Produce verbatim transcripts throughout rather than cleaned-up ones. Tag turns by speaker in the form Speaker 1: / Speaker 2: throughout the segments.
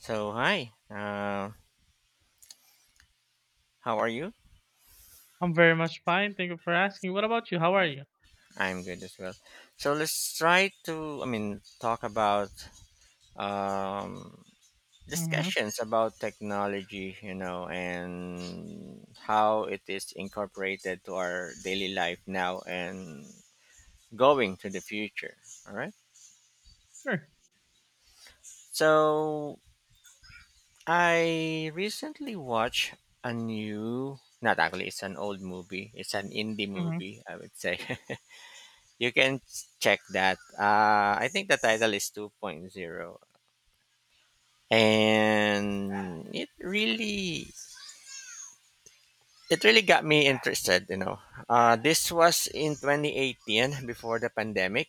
Speaker 1: So hi, uh, how are you?
Speaker 2: I'm very much fine. Thank you for asking. What about you? How are you?
Speaker 1: I'm good as well. So let's try to, I mean, talk about um,
Speaker 2: Mhm.
Speaker 1: discussions about technology, you know, and how it is incorporated to our daily life now and going to the future. All right.
Speaker 2: Sure.
Speaker 1: So I recently watched a new, not actually, it's an old movie. It's an indie
Speaker 2: Mhm,
Speaker 1: movie, I would say. You can check that. Uh, I think the title is 2.0, and it really it really got me interested, you know. Uh, this was in twenty eighteen before the pandemic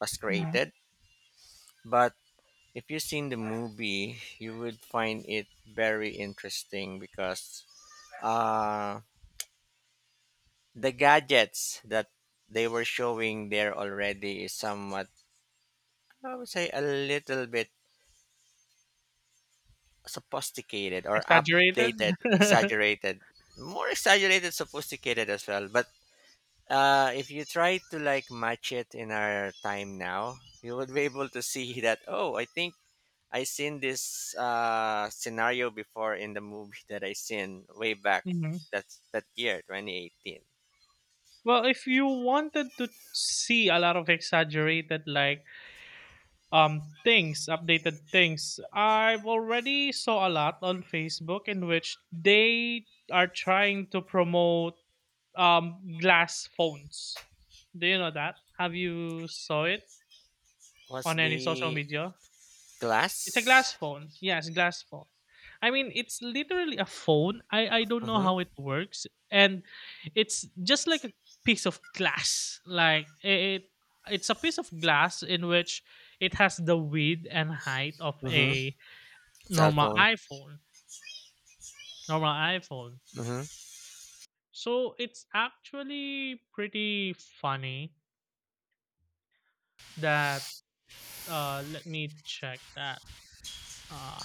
Speaker 1: was
Speaker 2: mhm.
Speaker 1: created, but if you've seen the movie, you would find it very interesting because uh, the gadgets that they were showing there already is somewhat, I would say, a little bit sophisticated or
Speaker 2: Exaggerated?
Speaker 1: updated, exaggerated, more exaggerated, sophisticated as well. But uh, if you try to like match it in our time now, you would be able to see that. Oh, I think I seen this uh, scenario before in the movie that I seen way back
Speaker 2: Mhm.
Speaker 1: that that year, twenty eighteen.
Speaker 2: Well, if you wanted to see a lot of exaggerated, like, um, things, updated things, I've already saw a lot on Facebook in which they are trying to promote, um, glass phones. Do you know that? Have you saw it
Speaker 1: Was
Speaker 2: on any social
Speaker 1: the
Speaker 2: media? It's a
Speaker 1: glass?
Speaker 2: glass phone. Yes, glass phone. I mean, it's literally a phone. I I don't know
Speaker 1: Mm-hmm.
Speaker 2: how it works, and it's just like a piece of glass. Like it, it's a piece of glass in which it has the width and height of
Speaker 1: Mm-hmm.
Speaker 2: a
Speaker 1: Cell
Speaker 2: normal
Speaker 1: phone.
Speaker 2: iPhone. Normal iPhone.
Speaker 1: Mm-hmm.
Speaker 2: So it's actually pretty funny that. Uh, let me check that. Uh,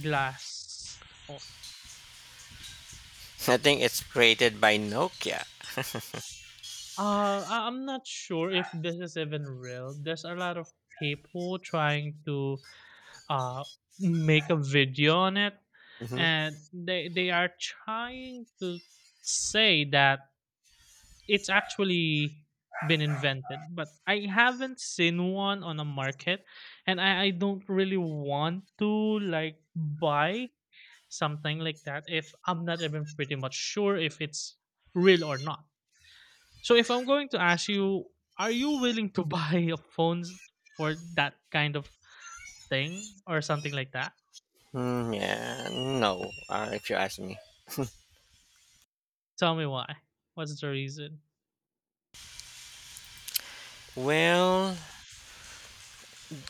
Speaker 2: glass.
Speaker 1: I think it's created by Nokia.
Speaker 2: Uh, I- I'm not sure if this is even real. There's a lot of people trying to uh make a video on it,
Speaker 1: Mm-hmm.
Speaker 2: and they they are trying to say that it's actually been invented. But I haven't seen one on a market, and I I don't really want to like buy something like that if I'm not even pretty much sure if it's real or not. So if I'm going to ask you, are you willing to buy a phones for that kind of thing or something like that?
Speaker 1: Mm, yeah, no, uh, if you ask me.
Speaker 2: Tell me why. What's the reason?
Speaker 1: Well,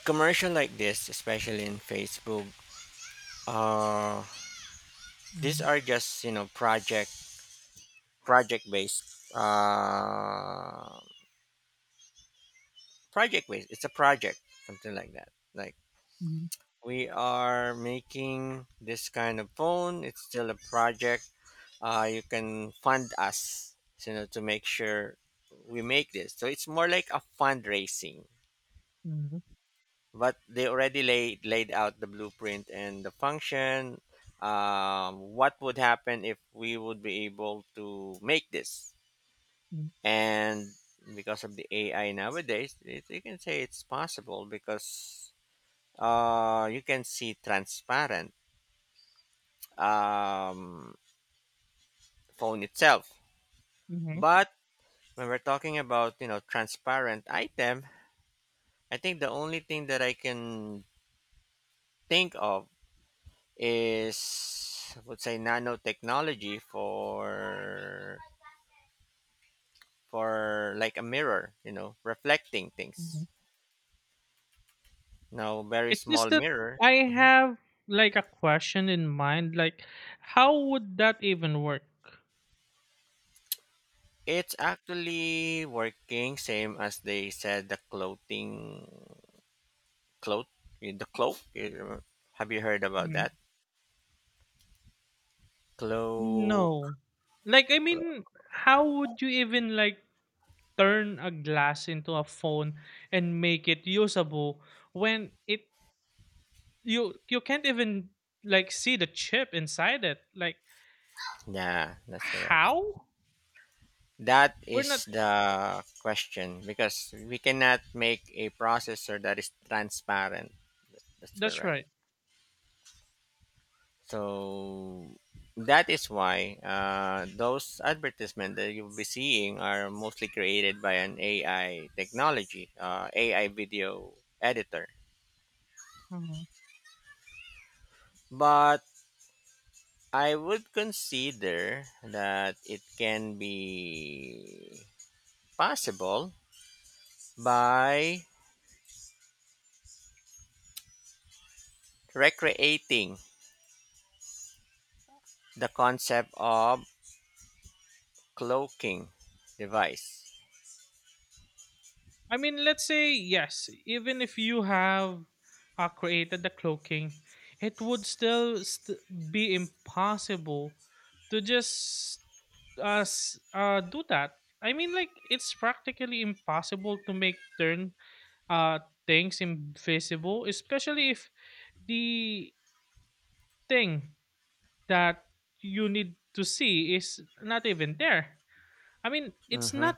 Speaker 1: commercial like this, especially in Facebook, uh, these
Speaker 2: Mm-hmm.
Speaker 1: are just you know project project based. Uh, project based. It's a project, something like that. Like we are making this kind of phone. It's still a project. Uh, you can fund us, you know, to make sure we make this. So it's more like a fundraising,
Speaker 2: Mm-hmm.
Speaker 1: but they already laid laid out the blueprint and the function. Um, what would happen if we would be able to make this? And because of the A I nowadays, it, you can say it's possible because uh, you can see transparent um, phone itself.
Speaker 2: Hmm,
Speaker 1: But when we're talking about you know transparent item, I think the only thing that I can think of is I would say nanotechnology for for like a mirror, you know, reflecting things.
Speaker 2: hmm.
Speaker 1: Now, very
Speaker 2: It's just
Speaker 1: small
Speaker 2: that
Speaker 1: mirror.
Speaker 2: I
Speaker 1: Mhm.
Speaker 2: have like a question in mind, like how would that even work?
Speaker 1: It's actually working same as they said the clothing cloth eh, the cloak. eh, Have you heard about that?
Speaker 2: Mm.
Speaker 1: Cloak.
Speaker 2: No. Like, I mean, how would you even like turn a glass into a phone and make it usable when it you you can't even like see the chip inside it. Like,
Speaker 1: Yeah, that's correct.
Speaker 2: how?
Speaker 1: That
Speaker 2: We're not.
Speaker 1: is the question because we cannot make a processor that is transparent. That's
Speaker 2: That's
Speaker 1: correct.
Speaker 2: right.
Speaker 1: So that is why uh, those advertisements that you'll be seeing are mostly created by an A I technology, uh, A I video editor.
Speaker 2: Mhm.
Speaker 1: But I would consider that it can be possible by recreating the concept of cloaking device.
Speaker 2: I mean, let's say yes. Even if you have, uh, created the cloaking, it would still st- be impossible to just uh, s- uh do that. I mean, like, it's practically impossible to make turn uh things invisible, especially if the thing that you need to see is not even there. I mean, it's
Speaker 1: Hmm.
Speaker 2: not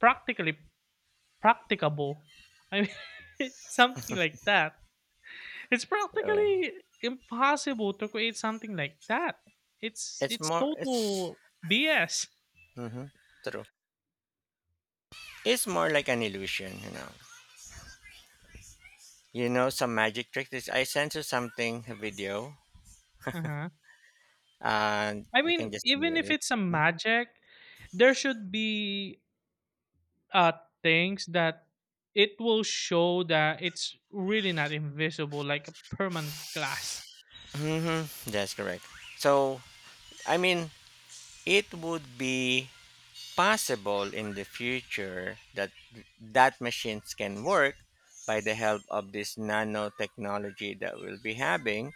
Speaker 2: practically practicable. I mean, something like that. It's
Speaker 1: So
Speaker 2: practically impossible to create something like that. It's
Speaker 1: it's
Speaker 2: it's
Speaker 1: more, it's
Speaker 2: total B S.
Speaker 1: hmm true. It's more like an illusion, you know. You know, some magic trick is I sent you something, a video,
Speaker 2: Uh-huh.
Speaker 1: and
Speaker 2: I
Speaker 1: you can
Speaker 2: mean,
Speaker 1: just
Speaker 2: even
Speaker 1: mute
Speaker 2: if
Speaker 1: it.
Speaker 2: it's a magic, there should be uh things that it will show that it's really not invisible, like a permanent glass.
Speaker 1: Mm-hmm. That's correct. So, I mean, it would be possible in the future that that machines can work by the help of this nanotechnology that we'll be having.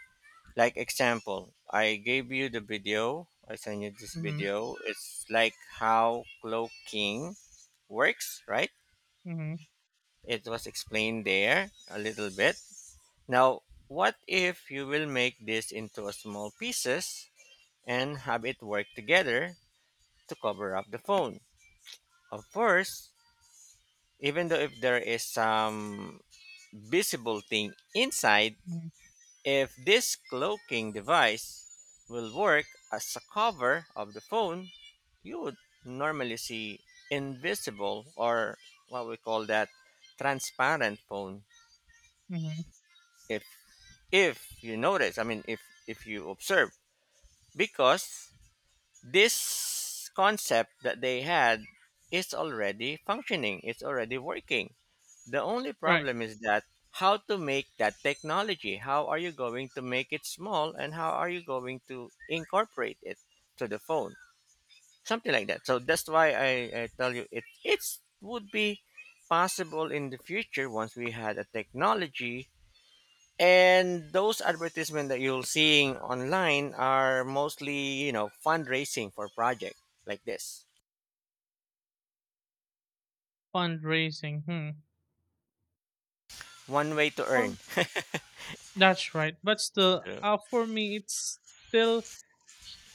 Speaker 1: Like example, I gave you the video. I sent you this
Speaker 2: Mm-hmm.
Speaker 1: video. It's like how cloaking works, right?
Speaker 2: Mm-hmm.
Speaker 1: It was explained there a little bit. Now, what if you will make this into a small pieces and have it work together to cover up the phone? Of course, even though if there is some visible thing inside,
Speaker 2: Mm-hmm.
Speaker 1: if this cloaking device will work as a cover of the phone, you would normally see invisible or what we call that transparent phone
Speaker 2: Mhm.
Speaker 1: if if you notice I mean if if you observe because this concept that they had is already functioning, it's already working. The only
Speaker 2: Right.
Speaker 1: problem is that how to make that technology? How are you going to make it small and how are you going to incorporate it to the phone? Something like that. So that's why I, I tell you it it's would be possible in the future once we had a technology, and those advertisements that you're seeing online are mostly, you know, fundraising for project like this.
Speaker 2: Fundraising. Hmm.
Speaker 1: One way to earn.
Speaker 2: For, that's right. But still,
Speaker 1: Yeah.
Speaker 2: uh, for me, it's still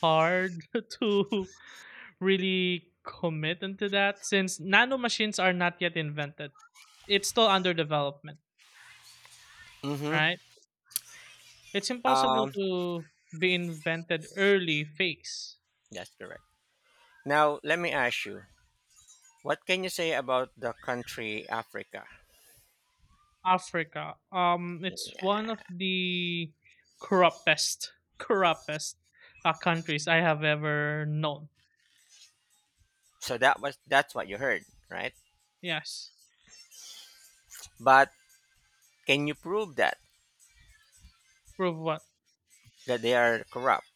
Speaker 2: hard to really commit into that since nano machines are not yet invented. It's still under development,
Speaker 1: Mm-hmm.
Speaker 2: right? It's impossible
Speaker 1: Um,
Speaker 2: to be invented early phase.
Speaker 1: that's correct. Now, let me ask you, what can you say about the country Africa?
Speaker 2: Africa. Um, it's one of the corruptest, corruptest uh, countries I have ever known.
Speaker 1: So that was that's what you heard, right?
Speaker 2: Yes,
Speaker 1: But can you prove that
Speaker 2: prove.
Speaker 1: that they are corrupt?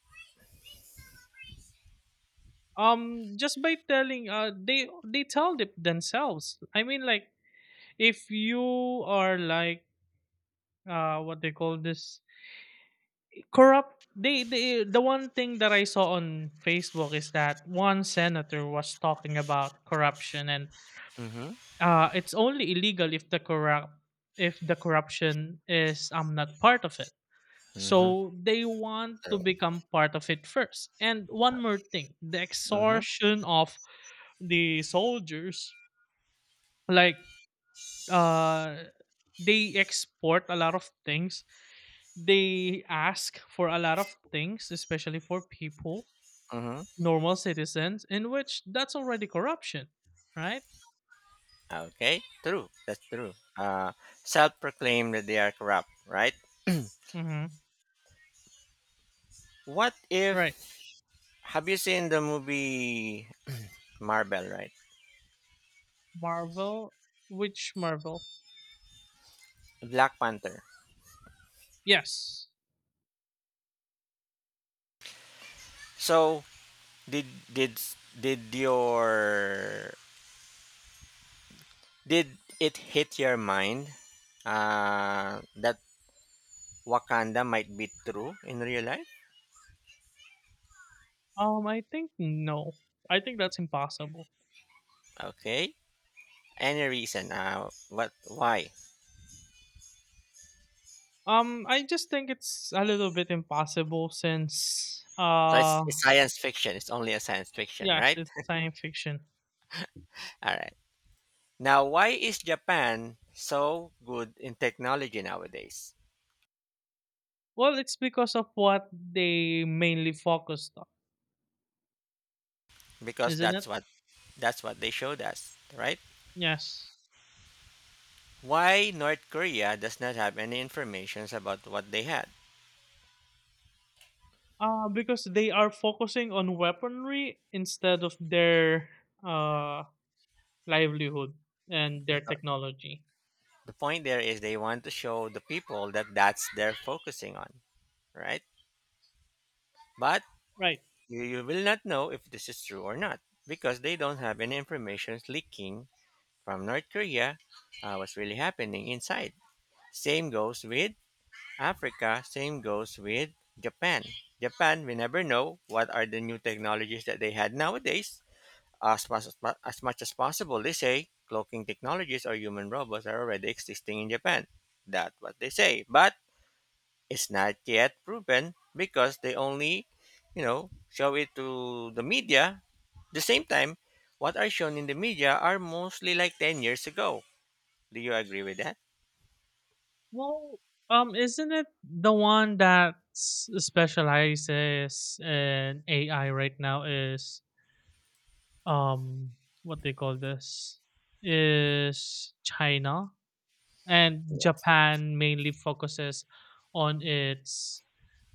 Speaker 2: um Just by telling, uh they they tell them themselves. I mean, like, if you are like, uh what they call this, corrupt. They, they the one thing that I saw on Facebook is that one senator was talking about corruption, and
Speaker 1: Mm-hmm.
Speaker 2: uh it's only illegal if the corrupt if the corruption is I'm not part of it.
Speaker 1: Mm-hmm.
Speaker 2: So they want to
Speaker 1: True.
Speaker 2: become part of it first. And one more thing, the
Speaker 1: Mm-hmm.
Speaker 2: extortion of the soldiers, like, uh they export a lot of things, they ask for a lot of things, especially for people,
Speaker 1: Mm-hmm.
Speaker 2: normal citizens, in which that's already corruption, right?
Speaker 1: Okay. True. That's true. Uh, self-proclaim that they are corrupt, right?
Speaker 2: Mm-hmm.
Speaker 1: What
Speaker 2: Right.
Speaker 1: if have you seen the movie Marvel, right?
Speaker 2: Marvel. Which marvel?
Speaker 1: Black Panther.
Speaker 2: Yes.
Speaker 1: So did did did your did it hit your mind uh, that Wakanda might be true in real life?
Speaker 2: um I think no. I think that's impossible.
Speaker 1: Okay. Any reason? Uh, what? Why?
Speaker 2: um I just think it's a little bit impossible, since,
Speaker 1: So
Speaker 2: uh
Speaker 1: it's, it's science fiction. It's only a science fiction,
Speaker 2: yes,
Speaker 1: right?
Speaker 2: it's science fiction.
Speaker 1: All right. Now, why is Japan so good in technology nowadays?
Speaker 2: Well, it's because of what they mainly focused on,
Speaker 1: Because
Speaker 2: isn't it?
Speaker 1: that's what that's what they showed us, right?
Speaker 2: Yes.
Speaker 1: Why North Korea does not have any information about what they had?
Speaker 2: Uh, because they are focusing on weaponry instead of their, uh, livelihood and their
Speaker 1: Because
Speaker 2: technology.
Speaker 1: the point there is they want to show the people that that's they're focusing on, right? But
Speaker 2: Right.
Speaker 1: you, you will not know if this is true or not because they don't have any information leaking from North Korea, uh, what's really happening inside. Same goes with Africa, same goes with Japan. Japan, we never know what are the new technologies that they had nowadays. As much as, mu- as much as possible, they say cloaking technologies or human robots are already existing in Japan. That's what they say, but it's not yet proven because they only, you know, show it to the media. The same time, what are shown in the media are mostly like ten years ago. Do you agree with that?
Speaker 2: Well, um, isn't it the one that s- specializes in A I right now is, um what they call this, is China? And
Speaker 1: Yeah.
Speaker 2: Japan mainly focuses on its,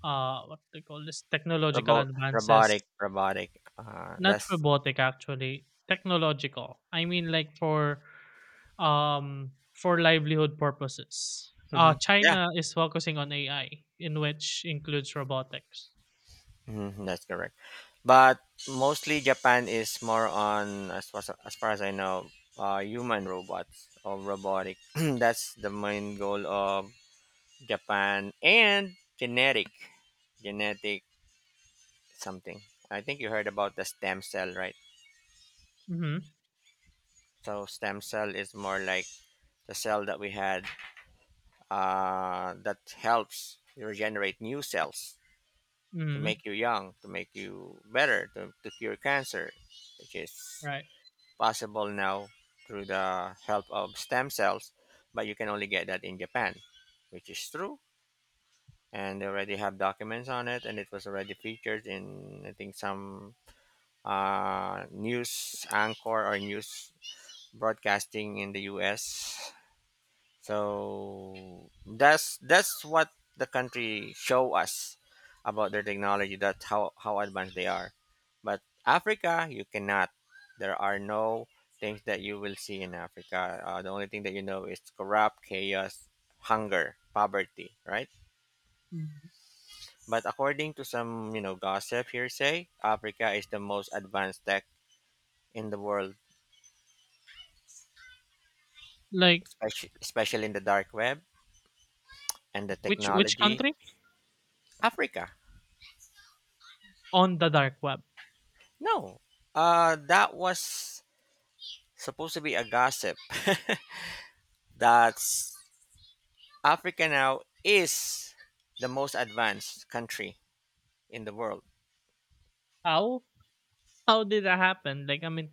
Speaker 2: uh what they call this, technological
Speaker 1: Robot,
Speaker 2: advances,
Speaker 1: robotic, robotic. Uh,
Speaker 2: not
Speaker 1: that's
Speaker 2: robotic actually, technological. I mean, like, for um for livelihood purposes. Uh
Speaker 1: Mhm, yeah.
Speaker 2: China is focusing on A I in which includes robotics.
Speaker 1: Mhm, that's correct. But mostly Japan is more on as far as, as far as I know, uh, human robots or robotic. That's the main goal of Japan and genetic, genetic something. I think you heard about the stem cell, right?
Speaker 2: Mhm.
Speaker 1: So stem cell is more like the cell that we had uh, that helps regenerate new cells to
Speaker 2: Mhm.
Speaker 1: make you young, to make you better, to, to cure cancer, which is
Speaker 2: Right.
Speaker 1: possible now through the help of stem cells, but you can only get that in Japan, which is true. And they already have documents on it, and it was already featured in, I think, some uh, news anchor or news broadcasting in the U S, so that's that's what the country show us about their technology. That's how how advanced they are. But Africa, you cannot. There are no things that you will see in Africa. Uh, the only thing that you know is corrupt, chaos, hunger, poverty, right?
Speaker 2: Mhm.
Speaker 1: But according to some you know gossip hearsay, Africa is the most advanced tech in the world,
Speaker 2: Like,
Speaker 1: especially especially in the dark web and the
Speaker 2: which which
Speaker 1: technology.
Speaker 2: country?
Speaker 1: Africa.
Speaker 2: On the dark web.
Speaker 1: No, uh, that was supposed to be a gossip. That Africa now is the most advanced country in the world.
Speaker 2: How? How did that happen? Like, I mean,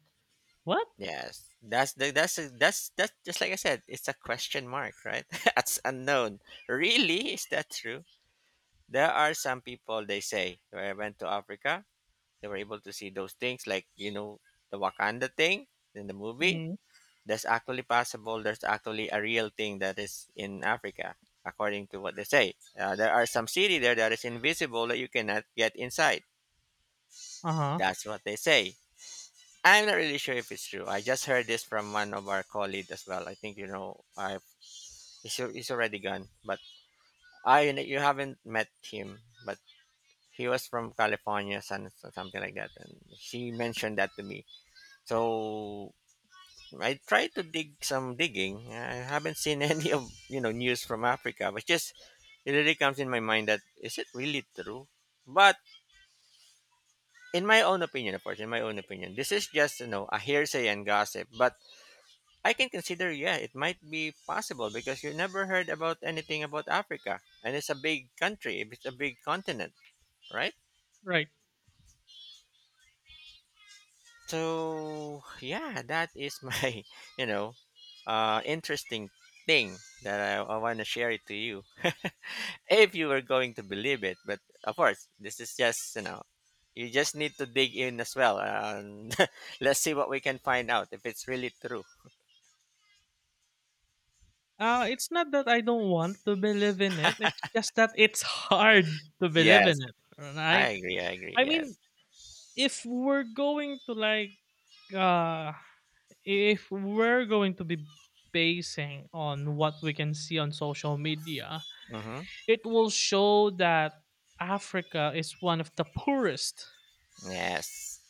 Speaker 2: what?
Speaker 1: Yes, that's the, that's a- that's that's just like I said. It's a question mark, right? That's unknown. Really, is that true? There are some people they say when I went to Africa, they were able to see those things like you know the Wakanda thing in the movie
Speaker 2: Mhm.
Speaker 1: that's actually possible. There's actually a real thing that is in Africa, according to what they say. Uh, there are some city there that is invisible that you cannot get inside.
Speaker 2: Uh-huh.
Speaker 1: That's what they say. I'm not really sure if it's true. I just heard this from one of our colleagues as well. I think you know. I he's, he's already gone, but I you haven't met him, but he was from California, some- something like that, and she mentioned that to me. So I tried to dig some digging. I haven't seen any of you know news from Africa, but just it really comes in my mind that is it really true? But in my own opinion, of course, in my own opinion, this is just you know a hearsay and gossip. But I can consider, yeah, it might be possible because you never heard about anything about Africa, and it's a big country, it's a big continent, right?
Speaker 2: Right.
Speaker 1: So yeah, that is my you know uh, interesting thing that I, I want to share it to you if you were going to believe it. But of course, this is just you know you just need to dig in as well, and let's see what we can find out if it's really true.
Speaker 2: Uh, it's not that I don't want to believe in it. It's just that it's hard to believe
Speaker 1: Yes,
Speaker 2: in it,
Speaker 1: I
Speaker 2: right?
Speaker 1: agree. I agree.
Speaker 2: I mean,
Speaker 1: Yes.
Speaker 2: if we're going to like, uh, if we're going to be basing on what we can see on social media,
Speaker 1: Mm-hmm.
Speaker 2: it will show that Africa is one of the poorest,
Speaker 1: Yes.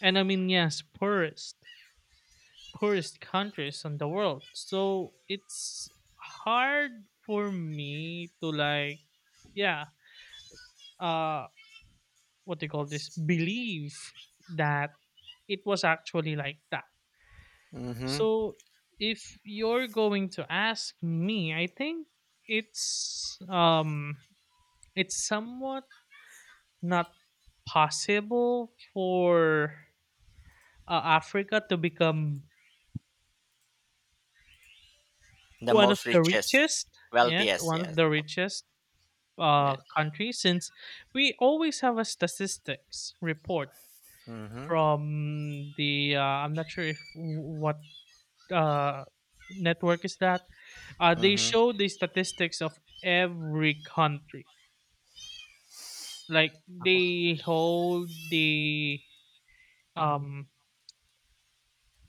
Speaker 2: and I mean, yes, poorest, poorest countries in the world. So it's hard for me to like, yeah, uh what they call this, believe that it was actually like that.
Speaker 1: Mm-hmm.
Speaker 2: So if you're going to ask me, I think it's um it's somewhat not possible for, uh, africa to become
Speaker 1: The
Speaker 2: one of
Speaker 1: most
Speaker 2: the
Speaker 1: richest,
Speaker 2: richest, yes,
Speaker 1: wealthiest.
Speaker 2: one of
Speaker 1: Yes.
Speaker 2: the richest uh
Speaker 1: Yes.
Speaker 2: countries, since we always have a statistics report
Speaker 1: Mm-hmm.
Speaker 2: from the, uh, I'm not sure if what uh, network is that? Uh, they
Speaker 1: Mm-hmm.
Speaker 2: show the statistics of every country. Like, they hold the um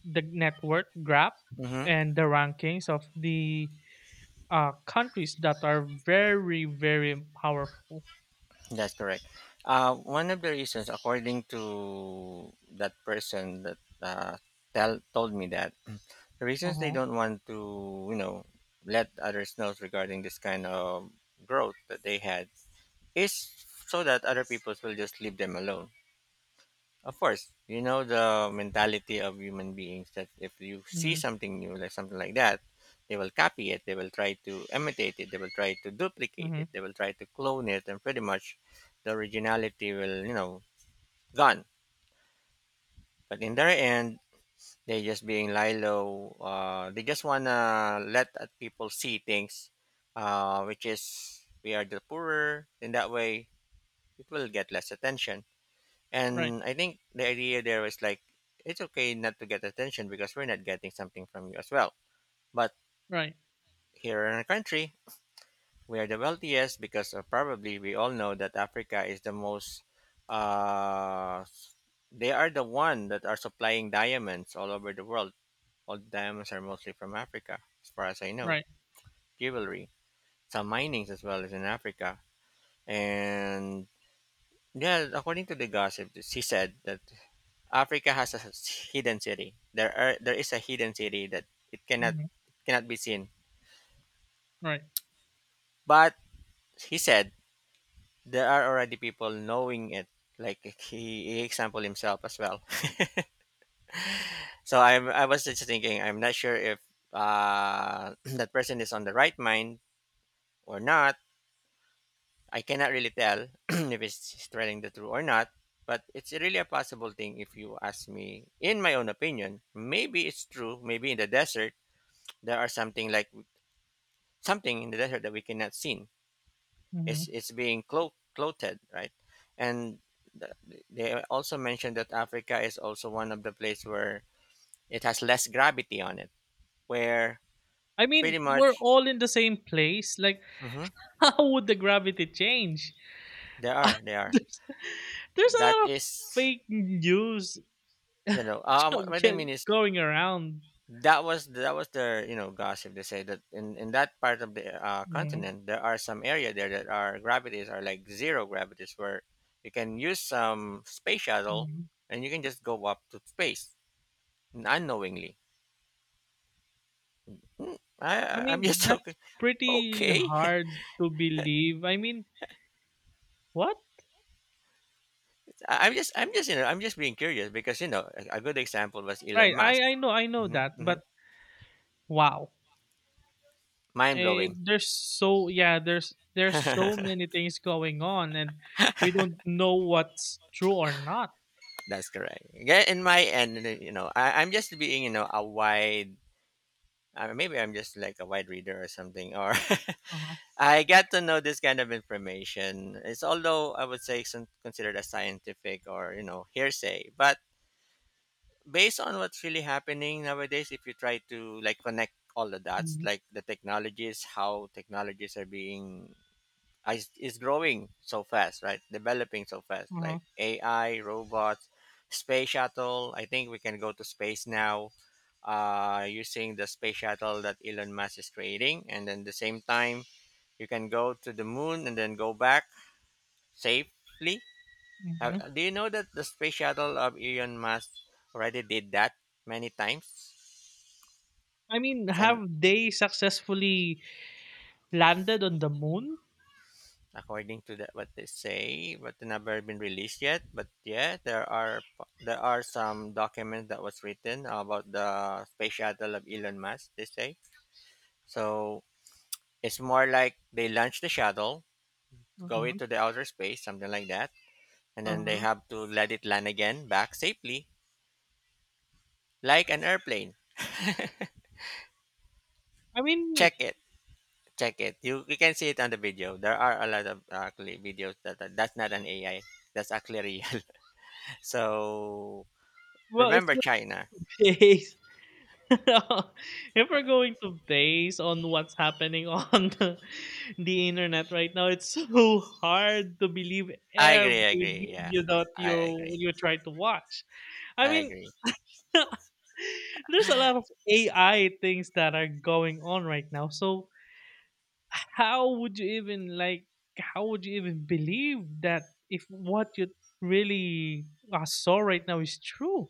Speaker 2: the network graph
Speaker 1: Mm-hmm.
Speaker 2: and the rankings of the uh countries that are very, very powerful.
Speaker 1: That's correct. Uh, one of the reasons, according to that person that uh, tell, told me that, the
Speaker 2: Uh
Speaker 1: reasons they
Speaker 2: huh.
Speaker 1: don't want to, you know, let others know regarding this kind of growth that they had is so that other people will just leave them alone. Of course, you know the mentality of human beings that if you see
Speaker 2: Mm-hmm.
Speaker 1: something new, like something like that, they will copy it, they will try to imitate it, they will try to duplicate
Speaker 2: Mm-hmm.
Speaker 1: it, they will try to clone it, and pretty much the originality will, you know, gone. But in their end, they just being Lilo, uh, they just wanna let uh, people see things, uh, which is we are the poorer. In that way, it will get less attention.
Speaker 2: Right.
Speaker 1: And I think the idea there was like, it's okay not to get attention because we're not getting something from you as well. But
Speaker 2: Right.
Speaker 1: here in our country, we are the wealthiest because of probably we all know that Africa is the most, uh, they are the one that are supplying diamonds all over the world. All the diamonds are mostly from Africa, as far as I know.
Speaker 2: Right.
Speaker 1: Jewelry, some minings as well is in Africa. And yeah, according to the gossip, she said that Africa has a s- hidden city. There are there is a hidden city that it cannot
Speaker 2: Mm-hmm.
Speaker 1: it cannot be seen.
Speaker 2: Right.
Speaker 1: But he said there are already people knowing it. Like he, he example himself as well. So I I was just thinking I'm not sure if uh, that person is on the right mind or not. I cannot really tell if it's telling the truth or not. But it's really a possible thing if you ask me. In my own opinion, maybe it's true. Maybe in the desert there are something like something in the desert that we cannot see.
Speaker 2: Mm-hmm.
Speaker 1: It's it's being clo- clothed, right? And th- they also mentioned that Africa is also one of the place where it has less gravity on it, where
Speaker 2: I mean,
Speaker 1: pretty
Speaker 2: we're
Speaker 1: much
Speaker 2: all in the same place. Like,
Speaker 1: Mhm.
Speaker 2: how would the gravity change?
Speaker 1: there are there are
Speaker 2: There's, there's a
Speaker 1: that
Speaker 2: lot of
Speaker 1: is
Speaker 2: fake news
Speaker 1: you know uh, what
Speaker 2: actually,
Speaker 1: what I mean
Speaker 2: g-
Speaker 1: is
Speaker 2: going around.
Speaker 1: that was that was their you know gossip. They say that in in that part of the uh,
Speaker 2: Mhm,
Speaker 1: continent there are some area there that are gravities are like zero gravities where you can use some space shuttle
Speaker 2: mhm.
Speaker 1: and you can just go up to space unknowingly. Hmm, I,
Speaker 2: I
Speaker 1: I- I'm
Speaker 2: mean,
Speaker 1: just okay.
Speaker 2: that's pretty
Speaker 1: Okay,
Speaker 2: hard to believe. I mean, what?
Speaker 1: I- I'm just, I'm just, you know, I'm just being curious because you know, a, a good example was Elon
Speaker 2: Right.
Speaker 1: Musk.
Speaker 2: I I know I know
Speaker 1: hmm
Speaker 2: that,
Speaker 1: hmm
Speaker 2: but wow.
Speaker 1: Mind
Speaker 2: Eh,
Speaker 1: blowing.
Speaker 2: there's so, yeah, there's there's so many things going on and we don't know what's true or not.
Speaker 1: That's correct. Yeah, in my end, you know, I, I'm just being, you know, a wide. Uh, maybe I'm just like a wide reader or something, or
Speaker 2: Uh-huh.
Speaker 1: I got to know this kind of information. It's although I would say it's con- considered a scientific or you know hearsay, but based on what's really happening nowadays, if you try to like connect all the dots,
Speaker 2: Hmm.
Speaker 1: like the technologies, how technologies are being uh, is, is growing so fast, right? Developing so fast, like
Speaker 2: Uh-huh.
Speaker 1: A I, robots, space shuttle. I think we can go to space now uh, using the space shuttle that Elon Musk is creating. And then the same time, you can go to the moon and then go back safely. Uh,
Speaker 2: Hmm.
Speaker 1: uh, do you know that the space shuttle of Elon Musk already did that many times?
Speaker 2: I mean, have
Speaker 1: Send
Speaker 2: they successfully landed on the moon?
Speaker 1: according to the, what they say, but they never been released yet. But yeah, there are there are some documents that was written about the space shuttle of Elon Musk. They say so. It's more like they launch the shuttle to go
Speaker 2: Uh-huh.
Speaker 1: into the outer space, something like that, and then they
Speaker 2: Uh-huh.
Speaker 1: have to let it land again back safely, like an airplane.
Speaker 2: I mean,
Speaker 1: Check it, check it. You you can see it on the video. There are a lot of uh, actually videos that, that that's not an A I. That's actually real. So
Speaker 2: well, if
Speaker 1: remember China.
Speaker 2: we're based if we're going to base on what's happening on the, the internet right now, it's so hard to believe
Speaker 1: I
Speaker 2: every
Speaker 1: agree, I agree. Yeah,
Speaker 2: video that
Speaker 1: I
Speaker 2: you
Speaker 1: agree.
Speaker 2: you try to watch. I
Speaker 1: I
Speaker 2: mean,
Speaker 1: agree.
Speaker 2: there's a lot of A I things that are going on right now. So, how would you even like? How would you even believe that if what you really, uh, saw right now is true?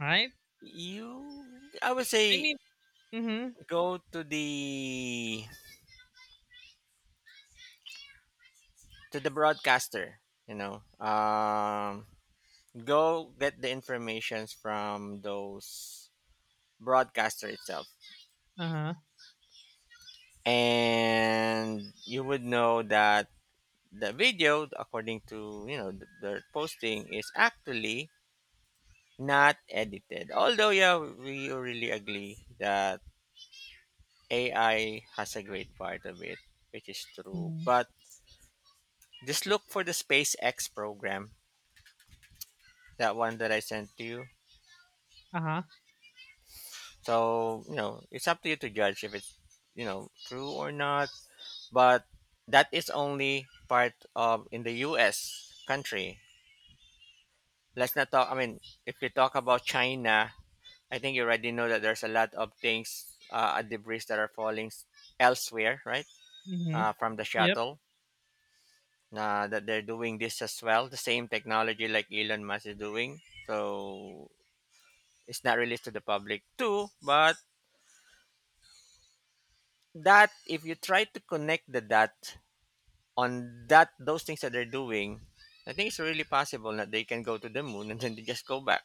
Speaker 2: Right?
Speaker 1: You, I would
Speaker 2: I
Speaker 1: say,
Speaker 2: mean, mm-hmm,
Speaker 1: go to the to the broadcaster. You know, um, go get the informations from those broadcaster itself,
Speaker 2: uh huh,
Speaker 1: and you would know that the video, according to you know the, the posting, is actually not edited. Although, yeah, we really agree that A I has a great part of it, which is true.
Speaker 2: mm-hmm,
Speaker 1: But just look for the SpaceX program, that one that I sent to you.
Speaker 2: uh
Speaker 1: So, you know, it's up to you to judge if it's, you know, true or not. But that is only part of in the U S country. Let's not talk, I mean, if we talk about China, I think you already know that there's a lot of things, uh, debris that are falling elsewhere, right?
Speaker 2: huh.
Speaker 1: Uh, from the
Speaker 2: Yep.
Speaker 1: shuttle. Uh, that they're doing this as well, the same technology like Elon Musk is doing. So it's not released to the public too, but that if you try to connect the dot on that those things that they're doing, I think it's really possible that they can go to the moon and then they just go back.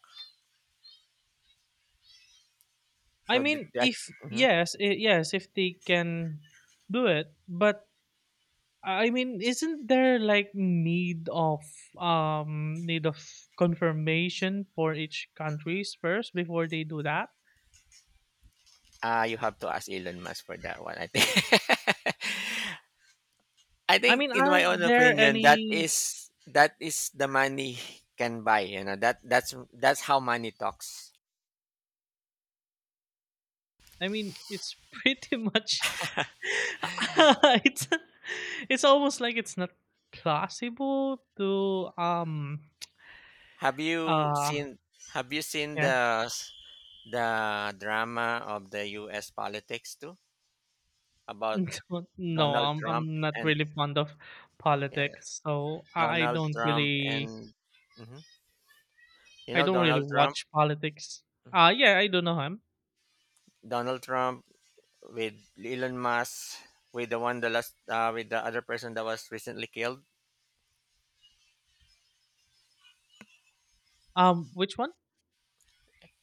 Speaker 2: I
Speaker 1: So th-
Speaker 2: mean,
Speaker 1: that
Speaker 2: if
Speaker 1: mhm.
Speaker 2: yes, i- yes, if they can do it, but I mean, isn't there like need of um need of confirmation for each countries first before they do that?
Speaker 1: Ah, you have to ask Elon Musk for that one. I think. I
Speaker 2: I
Speaker 1: think,
Speaker 2: mean,
Speaker 1: in my own
Speaker 2: aren't there
Speaker 1: opinion, that
Speaker 2: any?
Speaker 1: is that is the money can buy. You know that that's that's how money talks.
Speaker 2: I mean, it's pretty much it's it's almost like it's not plausible to um
Speaker 1: Have you
Speaker 2: uh
Speaker 1: seen Have you seen
Speaker 2: yeah.
Speaker 1: the s- the drama of the U S politics too about
Speaker 2: No,
Speaker 1: Donald
Speaker 2: I'm
Speaker 1: Trump
Speaker 2: I'm not
Speaker 1: and
Speaker 2: really fond of
Speaker 1: yeah,
Speaker 2: politics, so I I
Speaker 1: Donald
Speaker 2: don't
Speaker 1: Trump
Speaker 2: really
Speaker 1: and Mhm. you
Speaker 2: I
Speaker 1: know
Speaker 2: don't really
Speaker 1: Donald Trump,
Speaker 2: watch politics. Uh yeah, I do know him.
Speaker 1: Donald Trump with Elon Musk with the one the last uh, with the other person that was recently killed.
Speaker 2: Um, which one?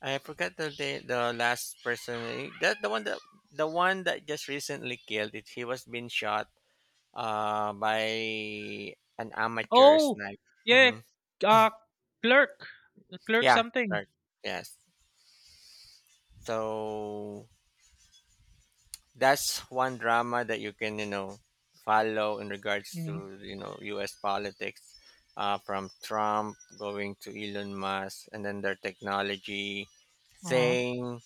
Speaker 1: I forgot the the, the last person that the one that the one that just recently killed it. He was being shot uh, by an amateur
Speaker 2: Oh,
Speaker 1: sniper.
Speaker 2: yeah,
Speaker 1: Hmm.
Speaker 2: uh, clerk, clerk
Speaker 1: Yeah,
Speaker 2: something.
Speaker 1: right. Yes. So that's one drama that you can, you know, follow in regards to,
Speaker 2: Hmm.
Speaker 1: you know, U S politics, uh, from Trump going to Elon Musk, and then their technology
Speaker 2: Uh-huh.
Speaker 1: saying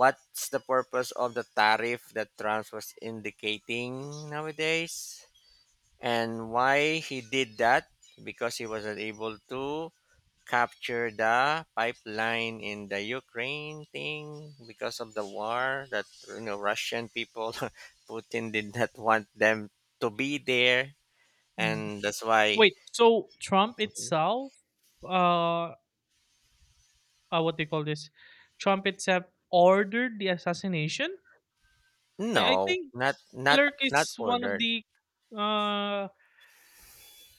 Speaker 1: what's the purpose of the tariff that Trump was indicating nowadays and why he did that because he wasn't able to capture the pipeline in the Ukraine thing because of the war that you know Russian people Putin did not want them to be there
Speaker 2: Hmm.
Speaker 1: and that's why
Speaker 2: Wait, so Trump itself, uh, uh, what do you call this? Trump itself ordered the assassination. I I
Speaker 1: no
Speaker 2: think
Speaker 1: not not
Speaker 2: clerk
Speaker 1: not
Speaker 2: is one of
Speaker 1: ordered
Speaker 2: the uh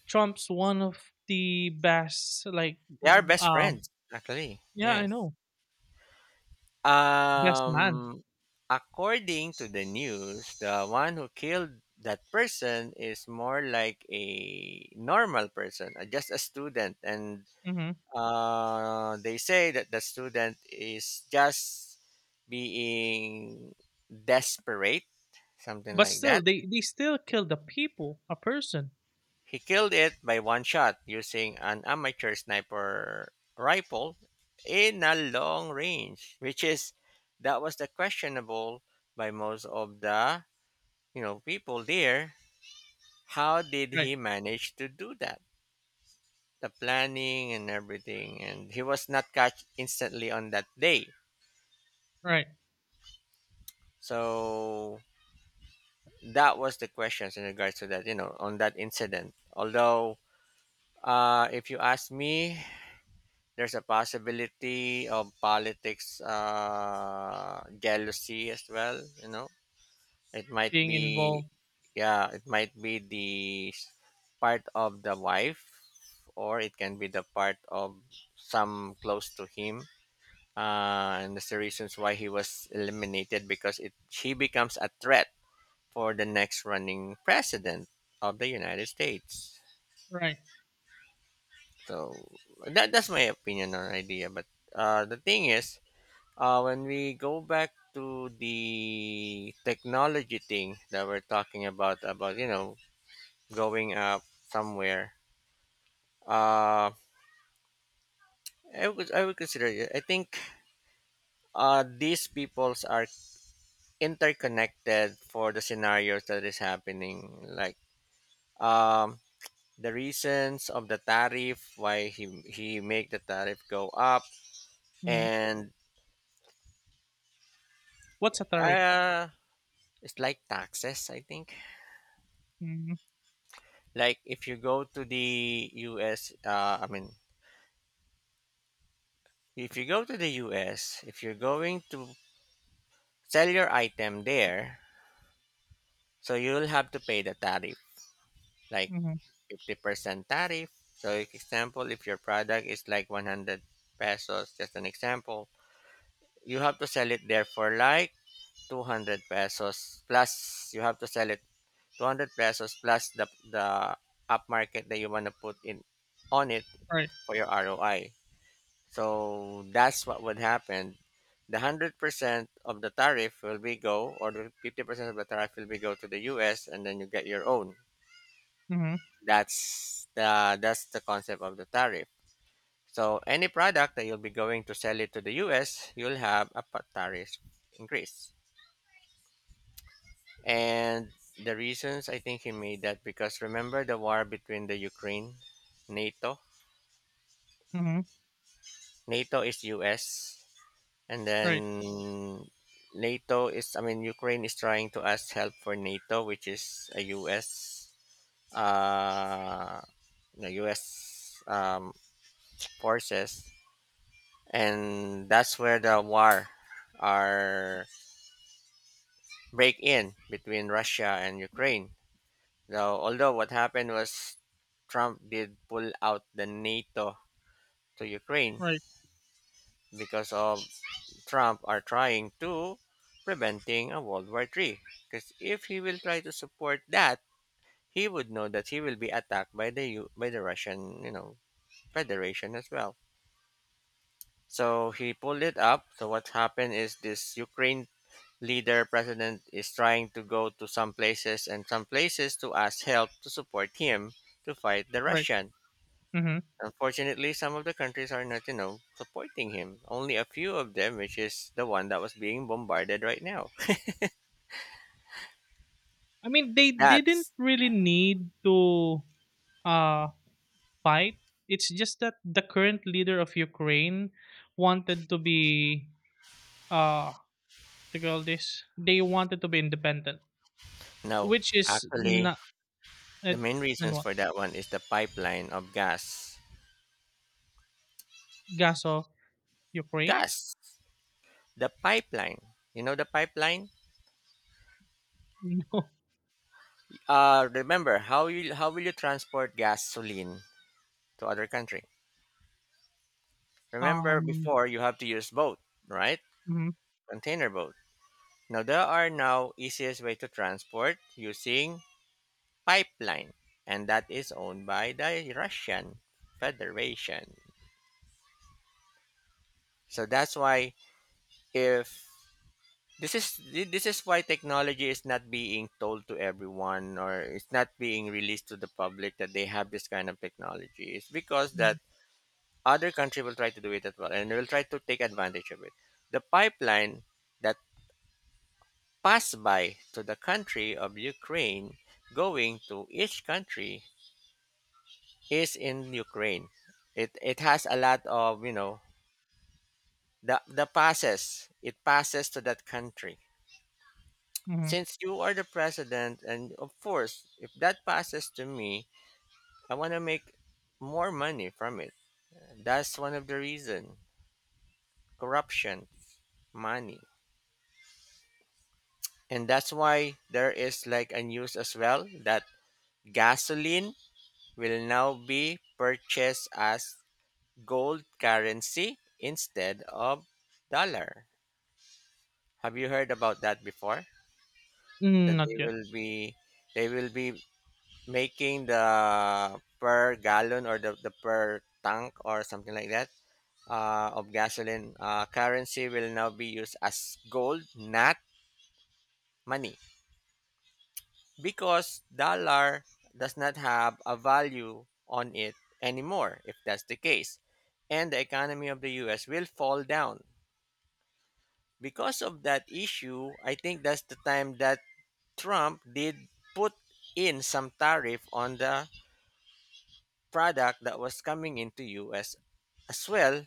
Speaker 2: Trump's one of the best, like,
Speaker 1: they are best
Speaker 2: um,
Speaker 1: friends actually.
Speaker 2: yeah, I
Speaker 1: Yes.
Speaker 2: know, best man.
Speaker 1: um According to the news the one who killed that person is more like a normal person, uh, just a student. And
Speaker 2: Hmm.
Speaker 1: Uh, they say that the student is just being desperate, something
Speaker 2: But
Speaker 1: like that.
Speaker 2: still, they they still kill the people, a person.
Speaker 1: He killed it by one shot using an amateur sniper rifle in a long range, which is that was the questionable by most of the you know people there. How did
Speaker 2: Right,
Speaker 1: he manage to do that? The planning and everything, and he was not caught instantly on that day.
Speaker 2: right.
Speaker 1: So that was the questions in regards to that you know on that incident. Although uh, if you ask me there's a possibility of politics, uh, jealousy as well. You know it might
Speaker 2: Being
Speaker 1: be
Speaker 2: involved.
Speaker 1: yeah it might be the part of the wife or it can be the part of some close to him, uh, and that's the reasons why he was eliminated because it she becomes a threat for the next running president of the United States.
Speaker 2: Right.
Speaker 1: So that, that's my opinion or idea. But uh, the thing is, uh, when we go back to the technology thing that we're talking about, about you know going up somewhere, uh, I would I would consider it. I think uh, these peoples are interconnected for the scenarios that is happening. Like um, the reasons of the tariff why he he make the tariff go up
Speaker 2: Hmm.
Speaker 1: and
Speaker 2: What's a tariff?
Speaker 1: uh it's like taxes I think.
Speaker 2: Hmm,
Speaker 1: Like if you go to the us uh I mean if you go to the US, if you're going to sell your item there, so you'll have to pay the tariff, like
Speaker 2: hmm.
Speaker 1: fifty percent tariff. So like, example, if your product is like one hundred pesos, just an example, you have to sell it there for like two hundred pesos plus. You have to sell it two hundred pesos plus the the upmarket that you want to put in on it
Speaker 2: Right.
Speaker 1: for your R O I. So that's what would happen. The one hundred percent of the tariff will be go or the fifty percent of the tariff will be go to the U S and then you get your own.
Speaker 2: Hmm,
Speaker 1: That's the that's the concept of the tariff. So any product that you'll be going to sell it to the U S, you'll have a pa- tariff increase. And the reasons I think he made that because remember the war between the Ukraine, NATO,
Speaker 2: hmm.
Speaker 1: NATO is US, and
Speaker 2: Right.
Speaker 1: then NATO is I mean Ukraine is trying to ask help for NATO, which is a U S, uh, the U S um, forces, and that's where the war are break in between Russia and Ukraine. Now, although what happened was Trump did pull out the NATO to Ukraine
Speaker 2: Right.
Speaker 1: because of Trump are trying to preventing a World War three. Because if he will try to support that, he would know that he will be attacked by the U- by the Russian, you know, Federation as well. So he pulled it up. So what happened is this Ukraine leader president is trying to go to some places and some places to ask help to support him to fight the
Speaker 2: Right.
Speaker 1: Russian.
Speaker 2: Hmm.
Speaker 1: Unfortunately, some of the countries are not, you know, supporting him. Only a few of them, which is the one that was being bombarded right now.
Speaker 2: I mean, they didn't
Speaker 1: That's
Speaker 2: really need to uh fight. It's just that the current leader of Ukraine wanted to be, uh to call this? They wanted to be independent,
Speaker 1: no,
Speaker 2: which is
Speaker 1: actually,
Speaker 2: not
Speaker 1: the
Speaker 2: it,
Speaker 1: main
Speaker 2: and
Speaker 1: reasons
Speaker 2: what,
Speaker 1: for that one is the pipeline of gas.
Speaker 2: Gaza, Ukraine?
Speaker 1: Gas, the pipeline. You know the pipeline.
Speaker 2: No,
Speaker 1: Uh, remember how you how will you transport gasoline to other country? Remember
Speaker 2: um,
Speaker 1: before you have to use boat, right?
Speaker 2: mhm,
Speaker 1: Container boat. Now there are now easiest way to transport using pipeline, and that is owned by the Russian Federation. So that's why if this is this is why technology is not being told to everyone or it's not being released to the public that they have this kind of technology. It's because that
Speaker 2: mhm,
Speaker 1: other country will try to do it as well and will try to take advantage of it. The pipeline that passed by to the country of Ukraine going to each country is in Ukraine. It it has a lot of, you know the the passes. It passes to that country.
Speaker 2: mhm.
Speaker 1: Since you are the president, and of course, if that passes to me, I want to make more money from it. That's one of the reason: corruption, money. And that's why there is like a news as well that gasoline will now be purchased as gold currency instead of dollar. Have you heard about that before? That
Speaker 2: Mm,
Speaker 1: they
Speaker 2: not yet.
Speaker 1: will be they will be making the per gallon or the, the per tank or something like that, uh, of gasoline, uh, currency will now be used as gold, not money, because dollar does not have a value on it anymore. If that's the case, and the economy of the U S will fall down because of that issue. I think that's the time that Trump did put in some tariff on the product that was coming into U S as well.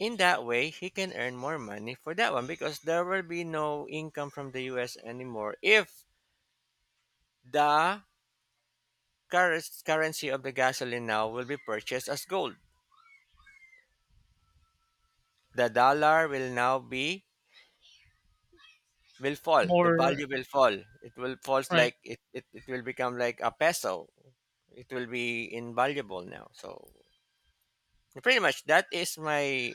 Speaker 1: In that way, he can earn more money for that one because there will be no income from the U S anymore if the cur- currency of the gasoline now will be purchased as gold. The dollar will now be will fall. The
Speaker 2: More
Speaker 1: value will fall. It will falls
Speaker 2: right,
Speaker 1: like it, it, it will become like a peso. It will be invaluable now. So pretty much that is my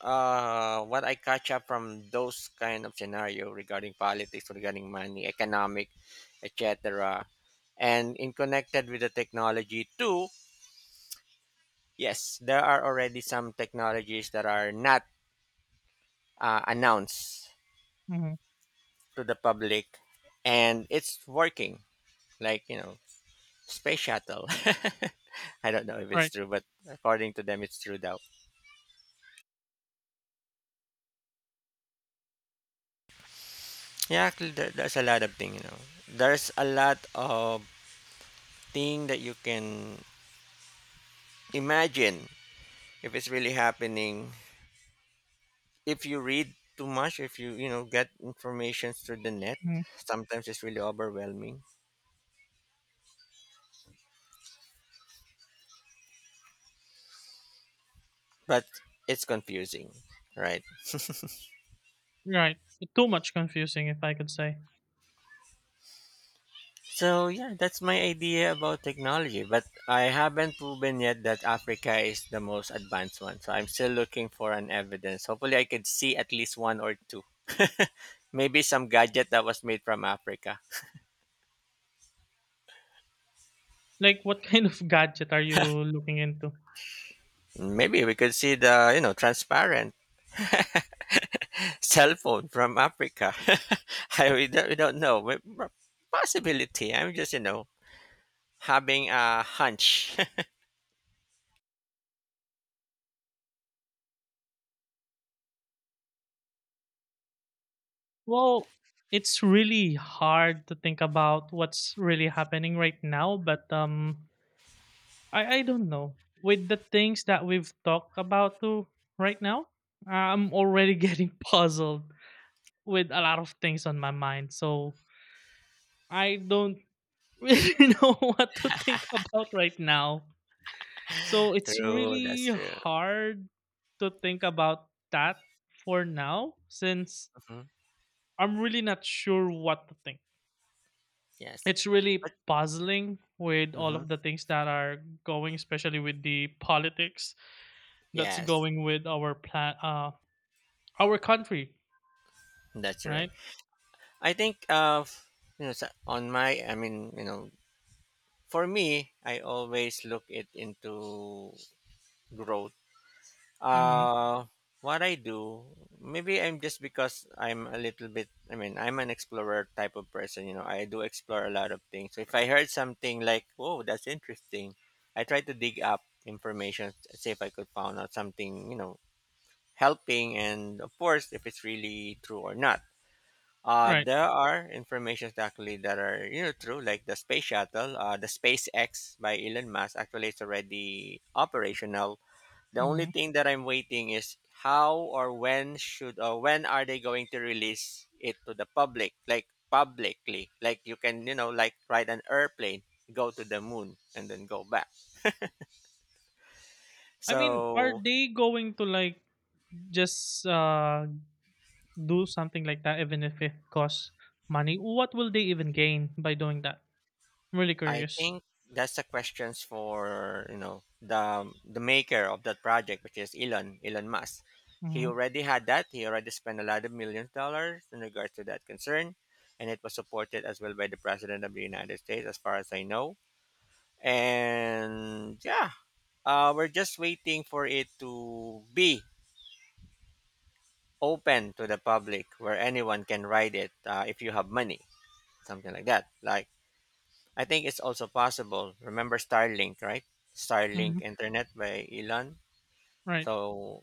Speaker 1: uh, what I catch up from those kind of scenario regarding politics, regarding money, economic, et cetera. And in connected with the technology too, yes, there are already some technologies that are not uh, announced
Speaker 2: mhm,
Speaker 1: to the public, and it's working. Like, you know, space shuttle. I don't know if it's
Speaker 2: right,
Speaker 1: true, but according to them, it's true. Though, yeah, actually, there, there's a lot of thing. You know, there's a lot of thing that you can imagine if it's really happening, if you read too much, if you you know get information through the net,
Speaker 2: mhm,
Speaker 1: sometimes it's really overwhelming, but it's confusing, right?
Speaker 2: right. Too much confusing, if I could say.
Speaker 1: So yeah, that's my idea about technology, but I haven't proven yet that Africa is the most advanced one, so I'm still looking for an evidence. Hopefully I could see at least one or two. Maybe some gadget that was made from Africa,
Speaker 2: Like, what kind of gadget are you looking into?
Speaker 1: maybe we could see the, you know, transparent cell phone from Africa. I, we don't, we don't know. We- p- Possibility. I'm just, you know, having a hunch.
Speaker 2: Well, it's really hard to think about what's really happening right now, but, um, I I don't know. With the things that we've talked about to right now, I'm already getting puzzled with a lot of things on my mind. So I don't really know what to think about right now. So it's
Speaker 1: True. That's
Speaker 2: really
Speaker 1: true.
Speaker 2: hard to think about that for now, since
Speaker 1: Hmm.
Speaker 2: I'm really not sure what to think.
Speaker 1: Yes.
Speaker 2: It's really
Speaker 1: But
Speaker 2: puzzling with all
Speaker 1: mhm,
Speaker 2: of the things that are going, especially with the politics that's
Speaker 1: yes,
Speaker 2: going with our plan, uh, our country,
Speaker 1: that's right.
Speaker 2: right?
Speaker 1: I think of, you know, sa- on my. I mean you know for me, I always look it into growth.
Speaker 2: Mhm.
Speaker 1: Uh, what I do, maybe I'm just because I'm a little bit, I mean, I'm an explorer type of person, you know, I do explore a lot of things. So if I heard something like, whoa, that's interesting, I try to dig up information, see if I could find out something, you know, helping, and of course, if it's really true or not. Uh,
Speaker 2: Right.
Speaker 1: there are informations actually that are, you know, true, like the space shuttle, uh, the SpaceX by Elon Musk. Actually, it's already operational. The only
Speaker 2: Mhm.
Speaker 1: thing that I'm waiting is how or when should or when are they going to release it to the public, like publicly, like you can, you know, like ride an airplane, go to the moon, and then go back.
Speaker 2: I mean, are
Speaker 1: So
Speaker 2: they going to, like, just, uh, do something like that even if it costs money? What will they even gain by doing that? I'm really
Speaker 1: I
Speaker 2: curious.
Speaker 1: think that's the questions for, you know, the the maker of that project, which is Elon Elon Musk. He
Speaker 2: Mhm.
Speaker 1: already had that. He already spent a lot of millions of dollars in regards to that concern, and it was supported as well by the president of the United States, as far as I know. And yeah, uh, we're just waiting for it to be open to the public where anyone can ride it, uh, if you have money, something like that. Like, I think it's also possible. Remember Starlink, right?
Speaker 2: Mhm.
Speaker 1: Starlink internet by Elon.
Speaker 2: Right.
Speaker 1: So,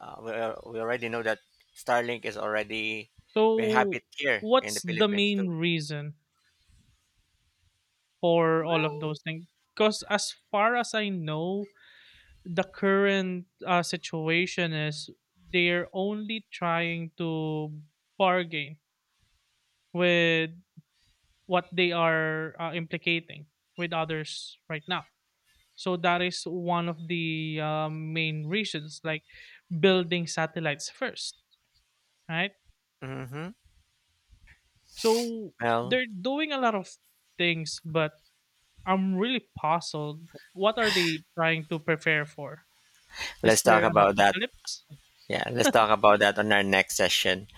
Speaker 1: uh, we, al- we already know that Starlink is already, we have
Speaker 2: So,
Speaker 1: it here in the
Speaker 2: what's the
Speaker 1: Philippines too.
Speaker 2: main reason for all of
Speaker 1: Well,
Speaker 2: those things? Because, as far as I know, the current uh, situation is they're only trying to bargain with what they are, uh, implicating with others right now. So that is one of the, um, main reasons, like building satellites first, right?
Speaker 1: hmm,
Speaker 2: So
Speaker 1: well,
Speaker 2: they're doing a lot of things, but I'm really puzzled. What are they trying to prepare for? Is
Speaker 1: let's talk
Speaker 2: there an
Speaker 1: about that.
Speaker 2: apocalypse?
Speaker 1: Yeah, let's talk about that on our next session.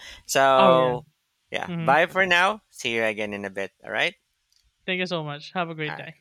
Speaker 2: Oh, yeah.
Speaker 1: So, yeah,
Speaker 2: Hmm.
Speaker 1: bye for now. See you again in a bit. All right.
Speaker 2: Thank you so much. Have a
Speaker 1: All
Speaker 2: great
Speaker 1: right.
Speaker 2: day.